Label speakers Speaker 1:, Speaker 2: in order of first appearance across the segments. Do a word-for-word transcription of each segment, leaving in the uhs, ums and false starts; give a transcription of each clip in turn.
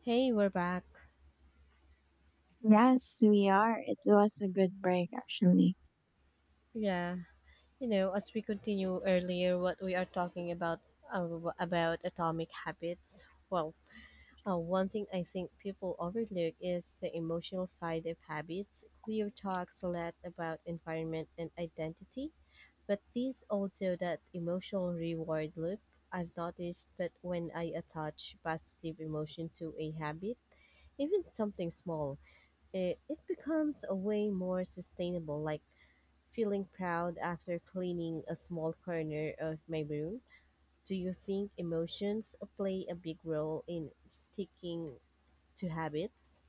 Speaker 1: Hey, we're back.
Speaker 2: Yes, we are. It was a good break, actually.
Speaker 1: Yeah, you know, as we continue earlier, what we are talking about uh, about atomic habits. Well, uh, one thing I think people overlook is the emotional side of habits. Clear talks a lot about environment and identity, but there's also that emotional reward loop. I've noticed that when I attach positive emotion to a habit, even something small, it, it becomes a way more sustainable. Like feeling proud after cleaning a small corner of my room, do you think emotions play a big role in sticking to habits?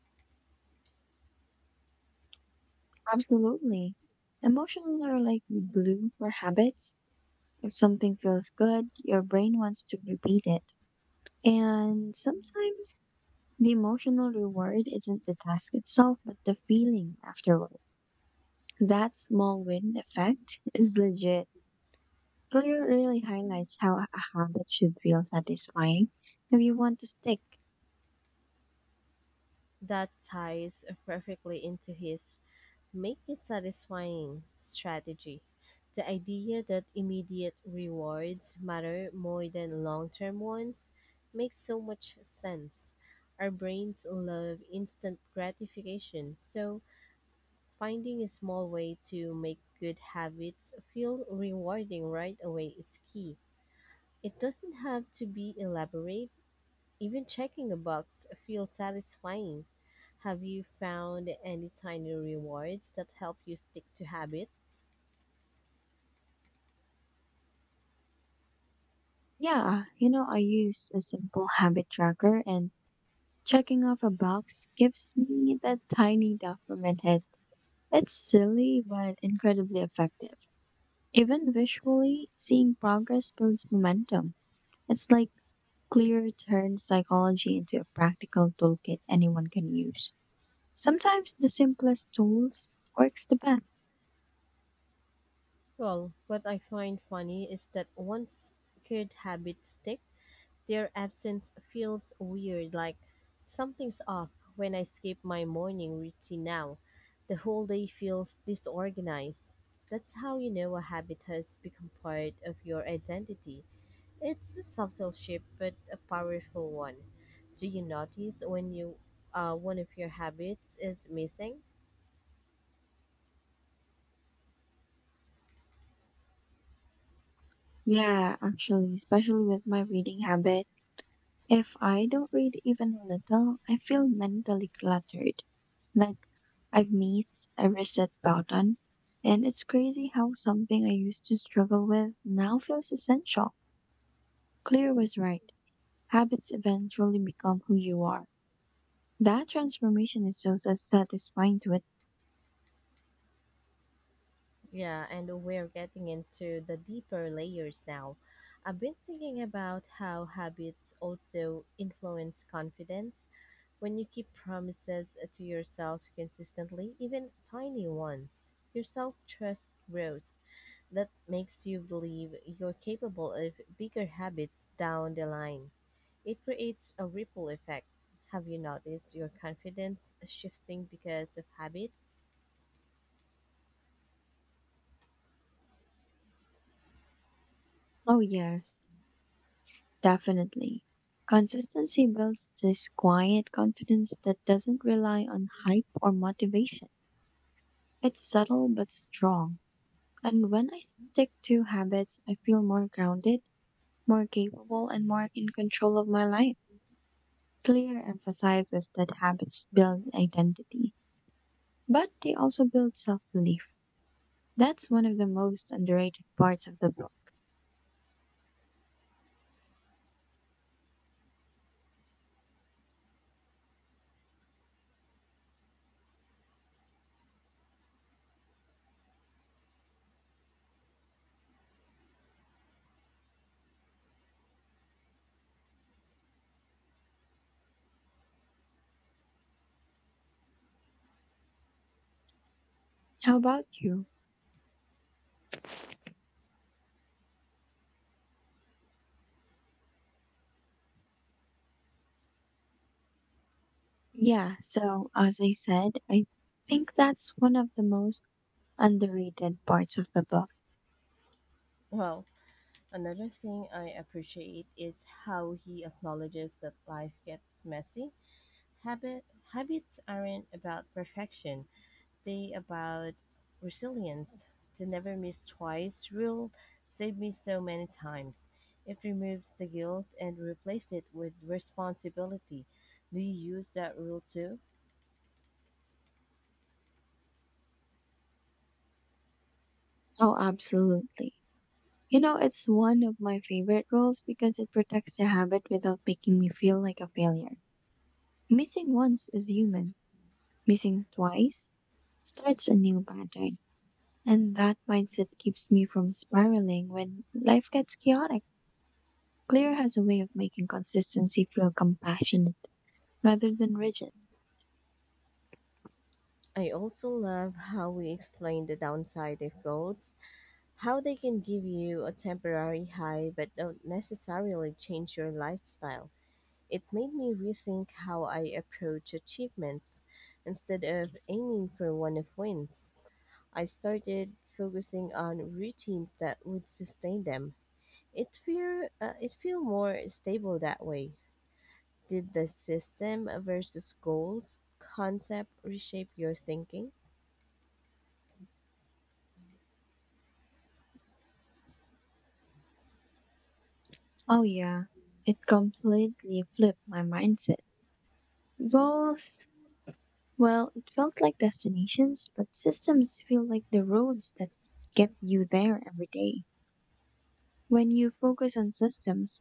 Speaker 2: Absolutely. Emotions are like the glue for habits. If something feels good, your brain wants to repeat it. And sometimes the emotional reward isn't the task itself, but the feeling afterward. That small win effect is legit. Clear really highlights how a habit should feel satisfying if you want to stick.
Speaker 1: That ties perfectly into his make it satisfying strategy. The idea that immediate rewards matter more than long term ones makes so much sense. Our brains love instant gratification, so finding a small way to make good habits feel rewarding right away is key. It doesn't have to be elaborate, even checking a box feels satisfying. Have you found any tiny rewards that help you stick to habits?
Speaker 2: Yeah, you know, I used a simple habit tracker and checking off a box gives me that tiny dopamine hit. It's silly but incredibly effective. Even visually, seeing progress builds momentum. It's like clear turns psychology into a practical toolkit anyone can use. Sometimes the simplest tools works the best.
Speaker 1: Well, what I find funny is that once good habits stick, their absence feels weird, like something's off when I skip my morning routine now. The whole day feels disorganized. That's how you know a habit has become part of your identity. It's a subtle shift, but a powerful one. Do you notice when you uh, one of your habits is missing?
Speaker 2: Yeah, actually, especially with my reading habit. If I don't read even a little, I feel mentally cluttered. Like I've missed a reset button, and it's crazy how something I used to struggle with now feels essential. Clear was right. Habits eventually become who you are. That transformation is just as satisfying to it.
Speaker 1: Yeah, and we're getting into the deeper layers now. I've been thinking about how habits also influence confidence. When you keep promises to yourself consistently, even tiny ones, your self trust grows. That makes you believe you're capable of bigger habits down the line. It creates a ripple effect. Have you noticed your confidence shifting because of habits?
Speaker 2: Oh, yes, definitely. Consistency builds this quiet confidence that doesn't rely on hype or motivation. It's subtle but strong. And when I stick to habits, I feel more grounded, more capable, and more in control of my life. Clear emphasizes that habits build identity, but they also build self belief. That's one of the most underrated parts of the book. How about you? Yeah, so as I said, I think that's one of the most underrated parts of the book.
Speaker 1: Well. Another thing I appreciate is how he acknowledges that life gets messy. Habit, habits aren't about perfection, they about resilience. The never miss twice rule saved me so many times. It removes the guilt and replaces it with responsibility. Do you use that rule too?
Speaker 2: Oh, absolutely. You know, it's one of my favorite roles because it protects the habit without making me feel like a failure. Missing once is human, missing twice starts a new pattern. And that mindset keeps me from spiraling when life gets chaotic. Clear has a way of making consistency feel compassionate rather than rigid.
Speaker 1: I also love how we explain the downside of goals, how they can give you a temporary high but don't necessarily change your lifestyle. It made me rethink how I approach achievements. Instead of aiming for one of wins, I started focusing on routines that would sustain them. It feel uh, it feel more stable that way. Did the system versus goals concept reshape your thinking?
Speaker 2: Oh, yeah, it completely flipped my mindset. Goals, well, it felt like destinations, but systems feel like the roads that get you there every day. When you focus on systems,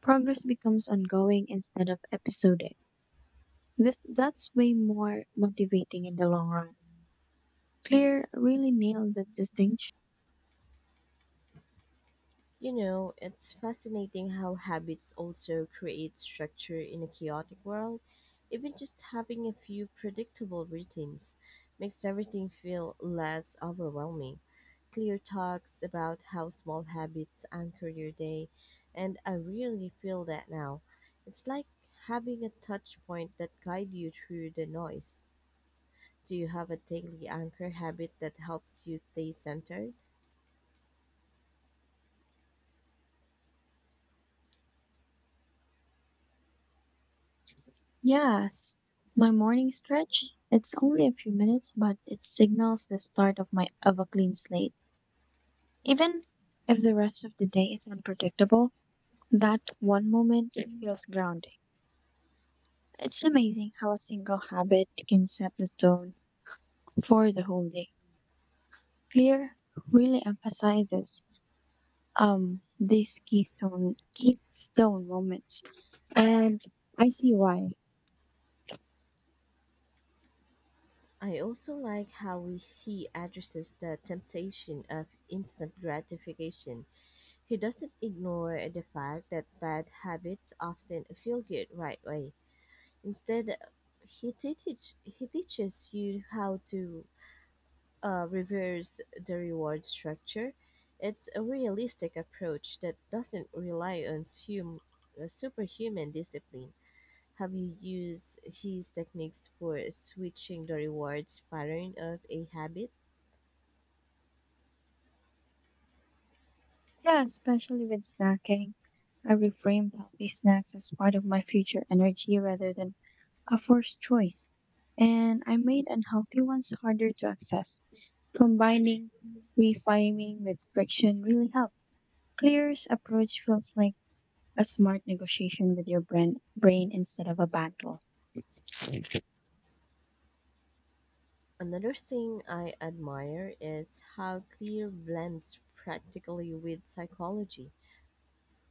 Speaker 2: progress becomes ongoing instead of episodic. This, that's way more motivating in the long run. Claire really nailed that distinction.
Speaker 1: You know, it's fascinating how habits also create structure in a chaotic world. Even just having a few predictable routines makes everything feel less overwhelming. Clear talks about how small habits anchor your day, and I really feel that now. It's like having a touch point that guides you through the noise. Do you have a daily anchor habit that helps you stay centered?
Speaker 2: Yes, my morning stretch, it's only a few minutes, but it signals the start of my of a clean slate. Even if the rest of the day is unpredictable, that one moment it feels grounding. It's amazing how a single habit can set the tone for the whole day. Clear really emphasizes um these keystone keystone moments and I see why.
Speaker 1: I also like how we- he addresses the temptation of instant gratification. He doesn't ignore the fact that bad habits often feel good right away. Instead, he teaches he teaches you how to uh, reverse the reward structure. It's a realistic approach that doesn't rely on hum- uh, superhuman discipline. Have you used his techniques for switching the rewards pattern of a habit?
Speaker 2: Yeah, especially with snacking. I reframed healthy snacks as part of my future energy rather than a forced choice. And I made unhealthy ones harder to access. Combining reframing with friction really helped. Clear's approach feels like a smart negotiation with your brain, brain instead of a battle.
Speaker 1: Another thing I admire is how Clear blends practically with psychology.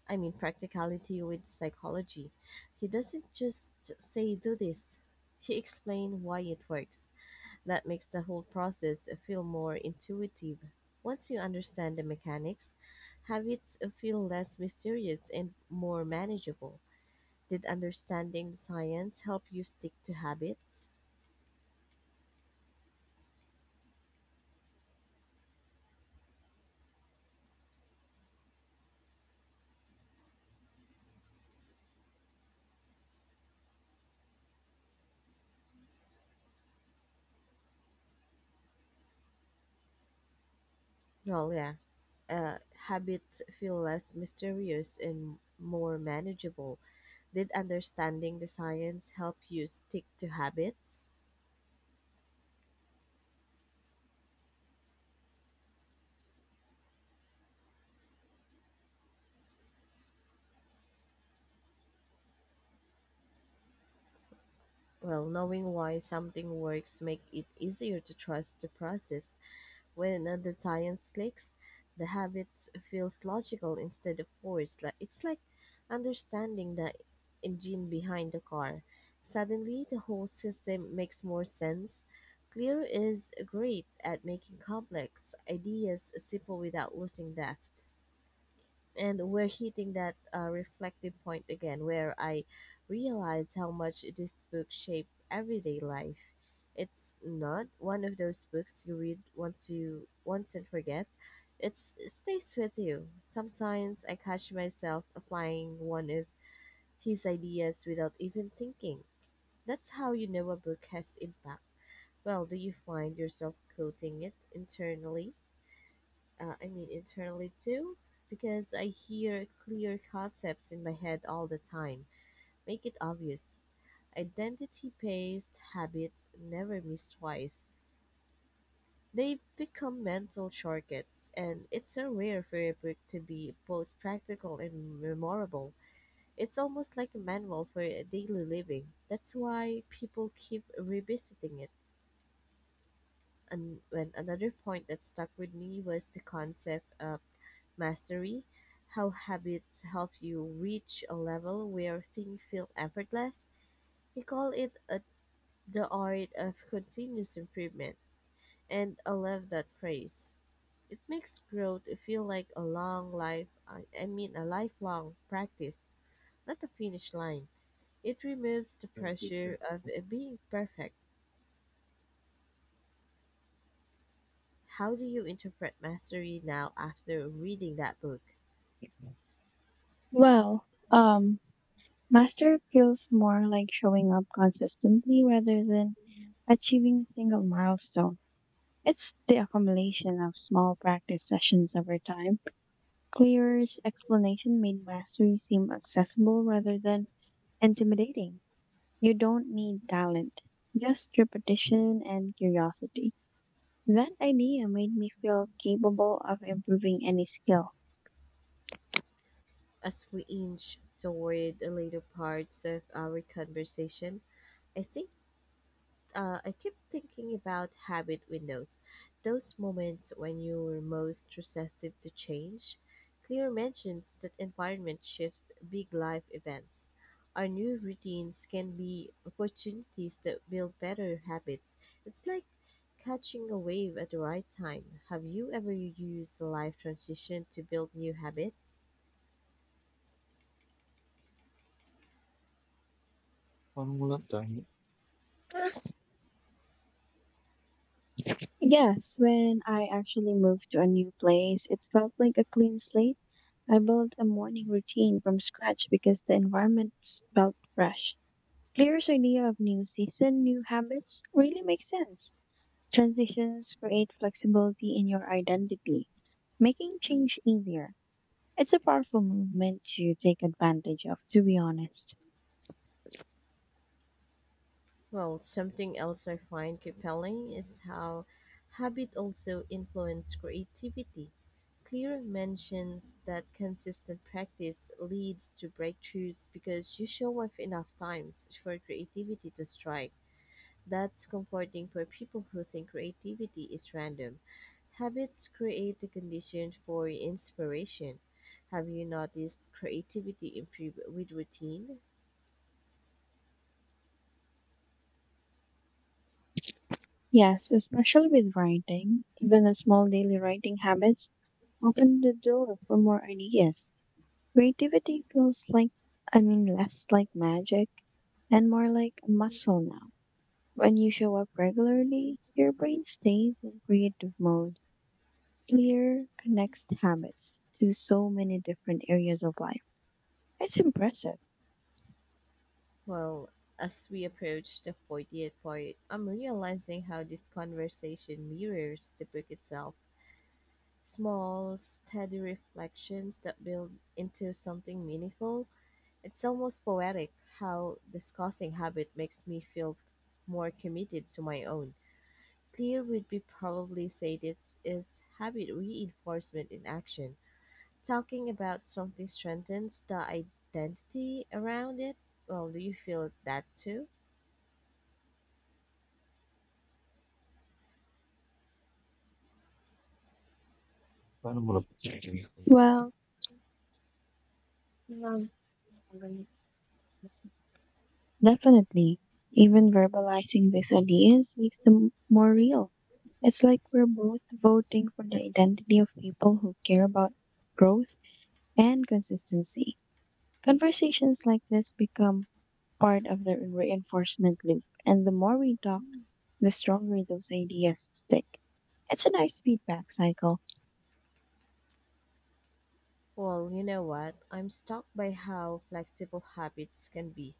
Speaker 1: I mean, practicality with psychology. He doesn't just say, do this, he explains why it works. That makes the whole process feel more intuitive. Once you understand the mechanics, habits feel less mysterious and more manageable. Did understanding the science help you stick to habits? Well, yeah. Uh, Habits feel less mysterious and more manageable. Did understanding the science help you stick to habits? Well, knowing why something works make it easier to trust the process. When uh, the science clicks, the habit feels logical instead of forced. Like it's like understanding the engine behind the car. Suddenly, the whole system makes more sense. Clear is great at making complex ideas simple without losing depth, and we're hitting that uh, reflective point again where I realize how much this book shaped everyday life. It's not one of those books you read once you once and forget. It's, it stays with you. Sometimes I catch myself applying one of his ideas without even thinking. That's how you know a book has impact. Well, do you find yourself quoting it internally? uh, I mean internally too, because I hear clear concepts in my head all the time. Make it obvious. Identity based habits never miss twice. They become mental shortcuts, and it's so rare for a book to be both practical and memorable. It's almost like a manual for daily living. That's why people keep revisiting it. And when another point that stuck with me was the concept of mastery, how habits help you reach a level where things feel effortless. He called it a, The art of continuous improvement, and I love that phrase. It makes growth feel like a long life, I I mean, a lifelong practice, not a finish line. It removes the pressure of uh, being perfect. How do you interpret mastery now after reading that book?
Speaker 2: Well, um, master feels more like showing up consistently rather than achieving a single milestone. It's the accumulation of small practice sessions over time. Clearer's explanation made mastery seem accessible rather than intimidating. You don't need talent, just repetition and curiosity. That idea made me feel capable of improving any skill.
Speaker 1: As we inch toward the later parts of our conversation, I think uh, I keep thinking about habit windows, those moments when you were most receptive to change. Clear mentions that environment shifts, big life events. Our new routines can be opportunities that build better habits. It's like catching a wave at the right time. Have you ever used life transition to build new habits?
Speaker 2: Parang wala. Yes, when I actually moved to a new place, it felt like a clean slate. I built a morning routine from scratch because the environment felt fresh. Players' idea of new season, new habits really makes sense. Transitions create flexibility in your identity, making change easier. It's a powerful movement to take advantage of, to be honest.
Speaker 1: Well, something else I find compelling is how habit also influence creativity. Clear mentions that consistent practice leads to breakthroughs because you show up enough times for creativity to strike. That's comforting for people who think creativity is random. Habits create the condition for inspiration. Have you noticed creativity improve with routine?
Speaker 2: Yes, especially with writing, even a small daily writing habits open the door for more ideas. Creativity feels like, I mean, less like magic and more like a muscle now. When you show up regularly, your brain stays in creative mode. Clear connects habits to so many different areas of life. It's impressive.
Speaker 1: Well, as we approach the fortieth part, I'm realizing how this conversation mirrors the book itself. Small, steady reflections that build into something meaningful. It's almost poetic how discussing habit makes me feel more committed to my own. Clear would be probably say this is habit reinforcement in action. Talking about something strengthens the identity around it. Well, do you feel that too?
Speaker 2: Well, um, definitely. Even verbalizing these ideas makes them more real. It's like we're both voting for the identity of people who care about growth and consistency. Conversations like this become part of the reinforcement loop, and the more we talk, the stronger those ideas stick. It's a nice feedback cycle.
Speaker 1: Well, you know what? I'm struck by how flexible habits can be.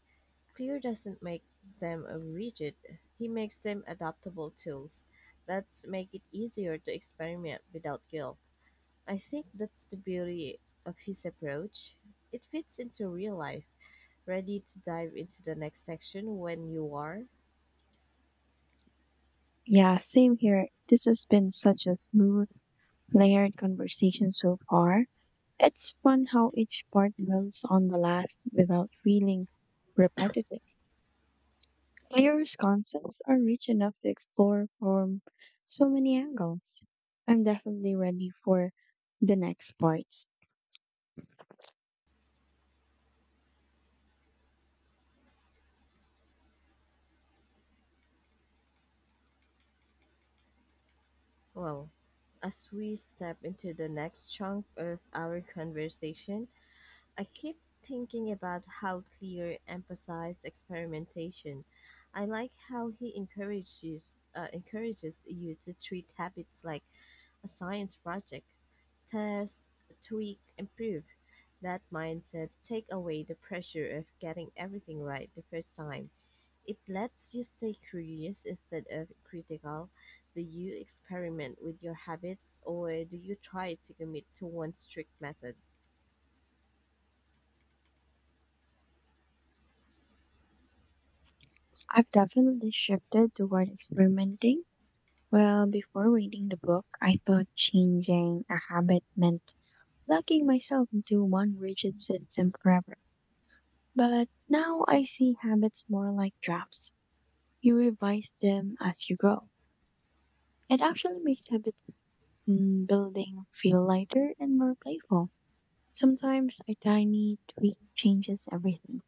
Speaker 1: Clear doesn't make them rigid, he makes them adaptable tools that make it easier to experiment without guilt. I think that's the beauty of his approach. It fits into real life, ready to dive into the next section when you are.
Speaker 2: Yeah, same here. This has been such a smooth, layered conversation so far. It's fun how each part builds on the last without feeling repetitive. Claire's concepts are rich enough to explore from so many angles. I'm definitely ready for the next parts.
Speaker 1: Well, as we step into the next chunk of our conversation, I keep thinking about how Clear emphasized experimentation. I like how he encourages uh, encourages you to treat habits like a science project. Test, tweak, improve. That mindset take away the pressure of getting everything right the first time. It lets you stay curious instead of critical. Do you experiment with your habits or do you try to commit to one strict method?
Speaker 2: I've definitely shifted toward experimenting. Well, before reading the book, I thought changing a habit meant locking myself into one rigid system forever. But now I see habits more like drafts. You revise them as you grow. It actually makes habit mm, building feel lighter and more playful. Sometimes a tiny tweak changes everything.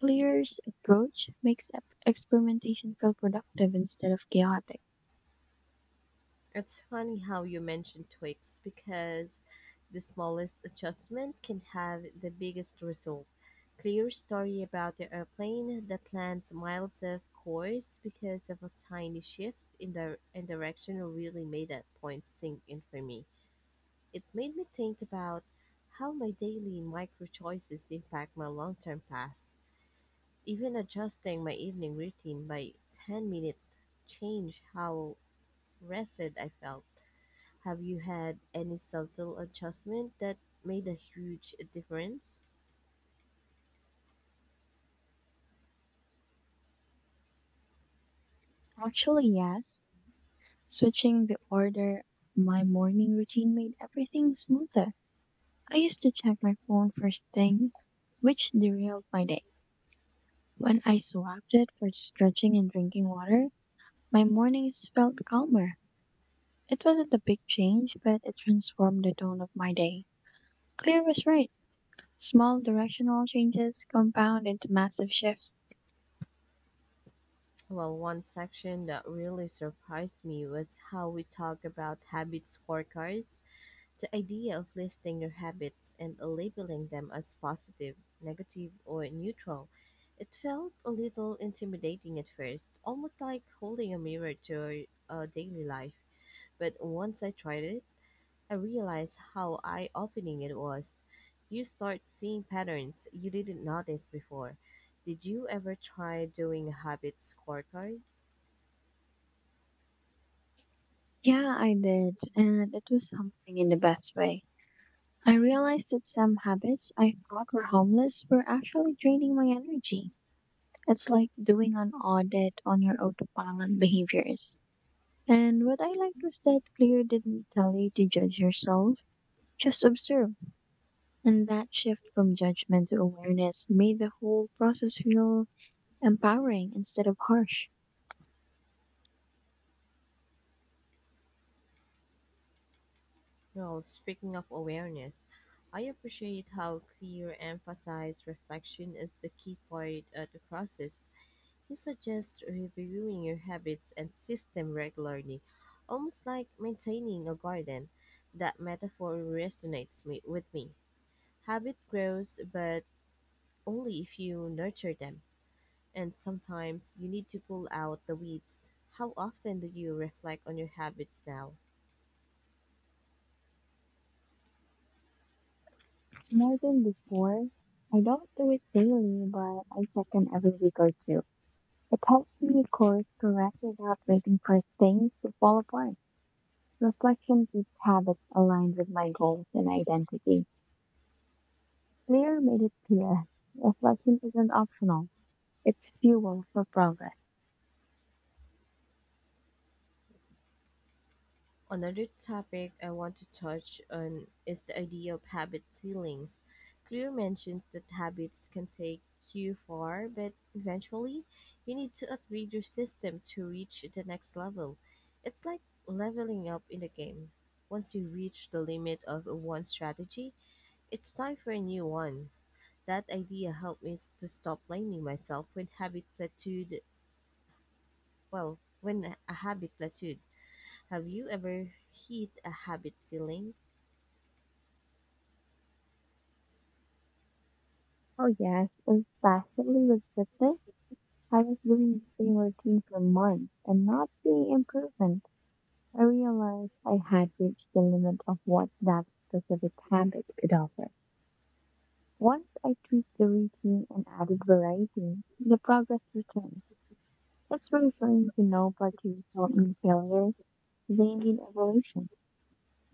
Speaker 2: Clear's approach makes ep- experimentation feel productive instead of chaotic.
Speaker 1: It's funny how you mentioned tweaks because the smallest adjustment can have the biggest result. Clear story about the airplane that lands miles off course because of a tiny shift in the in direction really made that point sink in for me. It made me think about how my daily micro choices impact my long-term path. Even adjusting my evening routine by ten minute change how rested I felt. Have you had any subtle adjustment that made a huge difference?
Speaker 2: Actually, yes, switching the order of my morning routine made everything smoother. I used to check my phone first thing, which derailed my day. When I swapped it for stretching and drinking water, my mornings felt calmer. It wasn't a big change, but it transformed the tone of my day. Claire was right. Small directional changes compound into massive shifts.
Speaker 1: Well, one section that really surprised me was how we talk about habit scorecards. The idea of listing your habits and labeling them as positive, negative, or neutral. It felt a little intimidating at first, almost like holding a mirror to our uh, daily life. But once I tried it, I realized how eye-opening it was. You start seeing patterns you didn't notice before. Did you ever try doing a habit scorecard?
Speaker 2: Yeah, I did, and it was humbling in the best way. I realized that some habits I thought were harmless were actually draining my energy. It's like doing an audit on your autopilot behaviors. And what I liked was that Claire didn't tell you to judge yourself, just observe. And that shift from judgment to awareness made the whole process feel empowering instead of harsh.
Speaker 1: Well, speaking of awareness, I appreciate how clear emphasized reflection is a key part of the process. He suggests reviewing your habits and system regularly, almost like maintaining a garden. That metaphor resonates me, with me. Habit grows, but only if you nurture them. And sometimes you need to pull out the weeds. How often do you reflect on your habits now?
Speaker 2: More than before, I don't do it daily, but I check in every week or two. It helps me course correct without waiting for things to fall apart. Reflection keeps habits aligned with my goals and identity. Clear made it clear. Reflection isn't optional. It's fuel for progress.
Speaker 1: Another topic I want to touch on is the idea of habit ceilings. Clear mentions that habits can take you far, but eventually you need to upgrade your system to reach the next level. It's like leveling up in the game. Once you reach the limit of one strategy, it's time for a new one. That idea helped me s- to stop blaming myself when habit plateaued. Well, when a habit plateaued. Have you ever hit a habit ceiling?
Speaker 2: Oh yes, especially with fitness. I was doing the same routine for months and not seeing improvement. I realized I had reached the limit of what that specific habit could offer. Once I tweaked the routine and added variety, the progress returned. It's reassuring to know parties don't need failure, they need evolution.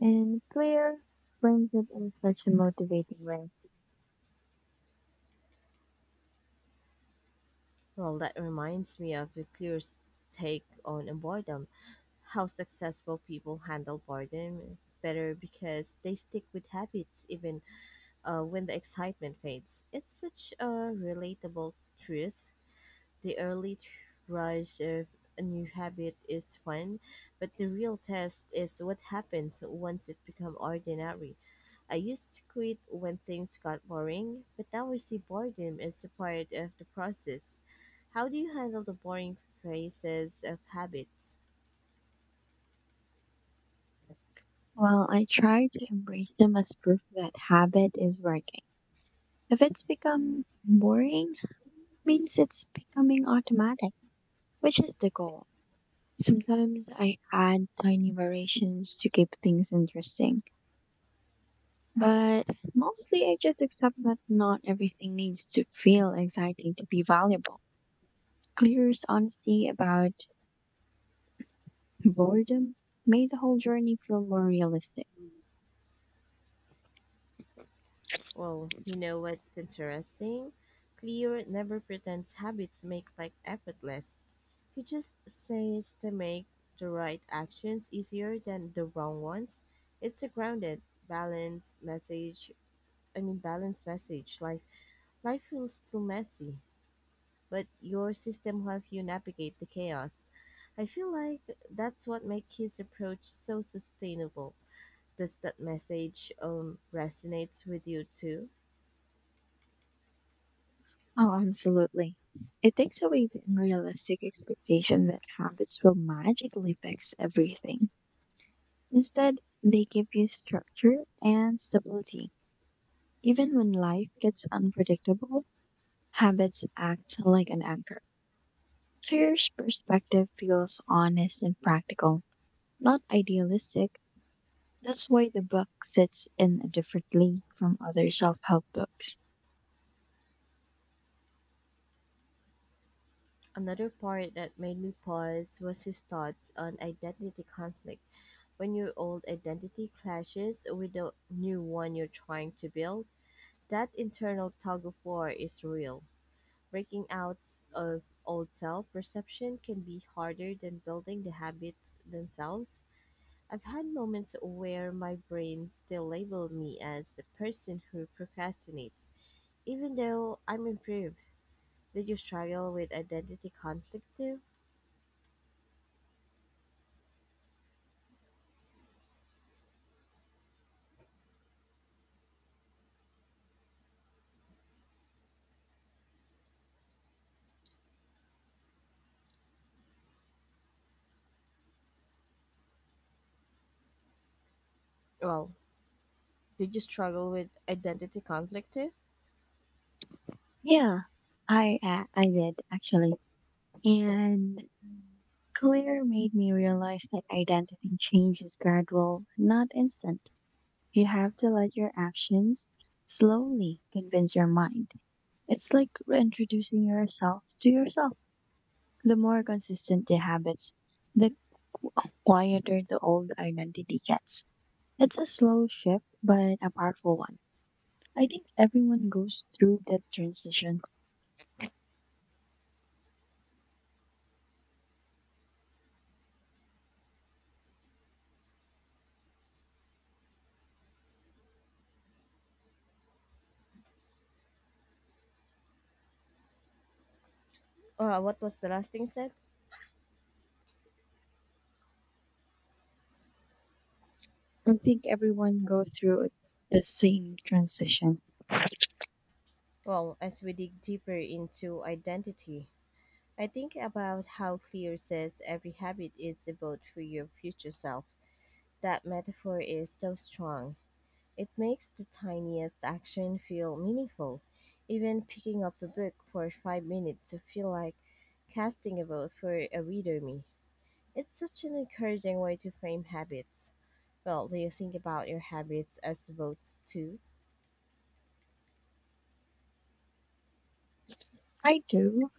Speaker 2: And Claire frames it in such a motivating way.
Speaker 1: Well, that reminds me of a clear take on boredom. How successful people handle boredom better because they stick with habits even uh, when the excitement fades. It's such a relatable truth. The early rush of a new habit is fun, but the real test is what happens once it becomes ordinary. I used to quit when things got boring, but now I see boredom as a part of the process. How do you handle the boring phases of habits?
Speaker 2: Well, I try to embrace them as proof that habit is working. If it's become boring, means it's becoming automatic, which is the goal. Sometimes I add tiny variations to keep things interesting, but mostly I just accept that not everything needs to feel exciting to be valuable. Clear's honesty about boredom made the whole journey feel more realistic.
Speaker 1: Well, you know what's interesting? Clear never pretends habits make life effortless. He just says to make the right actions easier than the wrong ones. It's a grounded, balanced message. I mean, balanced message. Life, life feels still messy, but your system helps you navigate the chaos. I feel like that's what makes his approach so sustainable. Does that message um resonates with you too?
Speaker 2: Oh, absolutely. It takes away the unrealistic expectation that habits will magically fix everything. Instead, they give you structure and stability. Even when life gets unpredictable, habits act like an anchor. So perspective feels honest and practical, not idealistic. That's why the book sits in a different league from other self-help books.
Speaker 1: Another part that made me pause was his thoughts on identity conflict. When your old identity clashes with the new one you're trying to build, that internal tug of war is real. Breaking out of old self perception can be harder than building the habits themselves. I've had moments where my brain still labeled me as the person who procrastinates, even though I'm improved. Did you struggle with identity conflict too? Well, did you struggle with identity conflict too?
Speaker 2: Yeah, I a- I did actually, and Clear made me realize that identity change is gradual, not instant. You have to let your actions slowly convince your mind. It's like reintroducing yourself to yourself. The more consistent the habits, the quieter the old identity gets. It's a slow shift, but a powerful one. I think everyone goes through that transition.
Speaker 1: Uh, what was the last thing said?
Speaker 2: I think everyone goes through the same transition. I
Speaker 1: Well, as we dig deeper into identity, I think about how Clear says every habit is about for your future self. That metaphor is so strong. It makes the tiniest action feel meaningful. Even picking up a book for five minutes to feel like casting a vote for a reader me. It's such an encouraging way to frame habits. Well, do you think about your habits as votes too?
Speaker 2: do.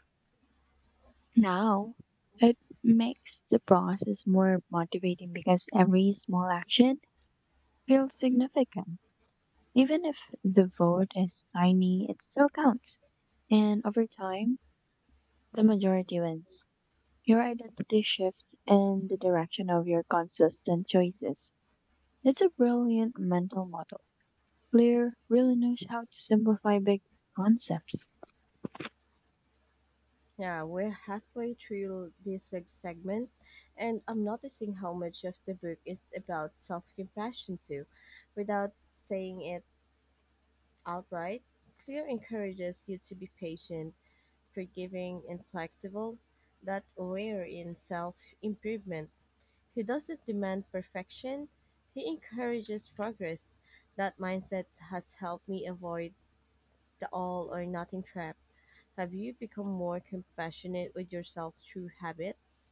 Speaker 2: Now, it makes the process more motivating because every small action feels significant. Even if the vote is tiny, it still counts. And over time, the majority wins. Your identity shifts in the direction of your consistent choices. It's a brilliant mental model. Blair really knows how to simplify big concepts.
Speaker 1: Yeah, we're halfway through this seg- segment, and I'm noticing how much of the book is about self compassion, too. Without saying it outright, Clear encourages you to be patient, forgiving, and flexible, that rare in self improvement. He doesn't demand perfection, he encourages progress. That mindset has helped me avoid the all or nothing trap. Have you become more compassionate with yourself through habits?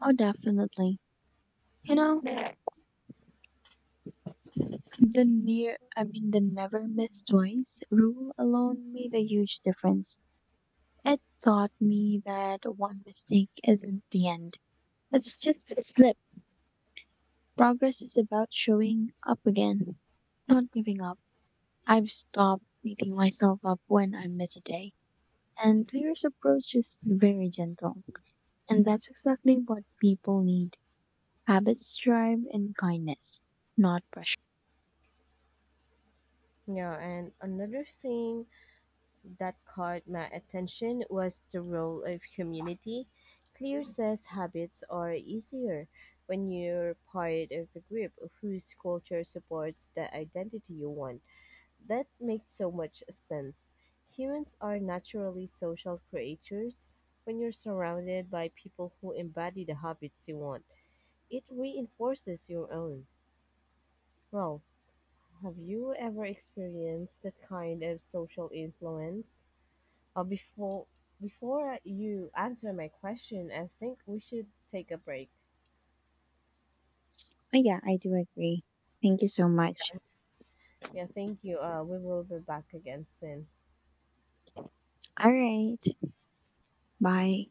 Speaker 2: Oh, definitely. You know, The near, I mean, the never miss twice rule alone made a huge difference. It taught me that one mistake isn't the end. It's just a slip. Progress is about showing up again, not giving up. I've stopped beating myself up when I miss a day. And Clear's approach is very gentle. And that's exactly what people need. Habits thrive in kindness, not pressure.
Speaker 1: Yeah, and another thing that caught my attention was the role of community. Clear says habits are easier when you're part of a group whose culture supports the identity you want. That makes so much sense. Humans are naturally social creatures. When you're surrounded by people who embody the habits you want, it reinforces your own. Well, have you ever experienced that kind of social influence? Uh, before before you answer my question, I think we should take a break.
Speaker 2: Oh, yeah, I do agree. Thank you so much.
Speaker 1: Yeah, thank you. Uh, we will be back again soon.
Speaker 2: All right. Bye.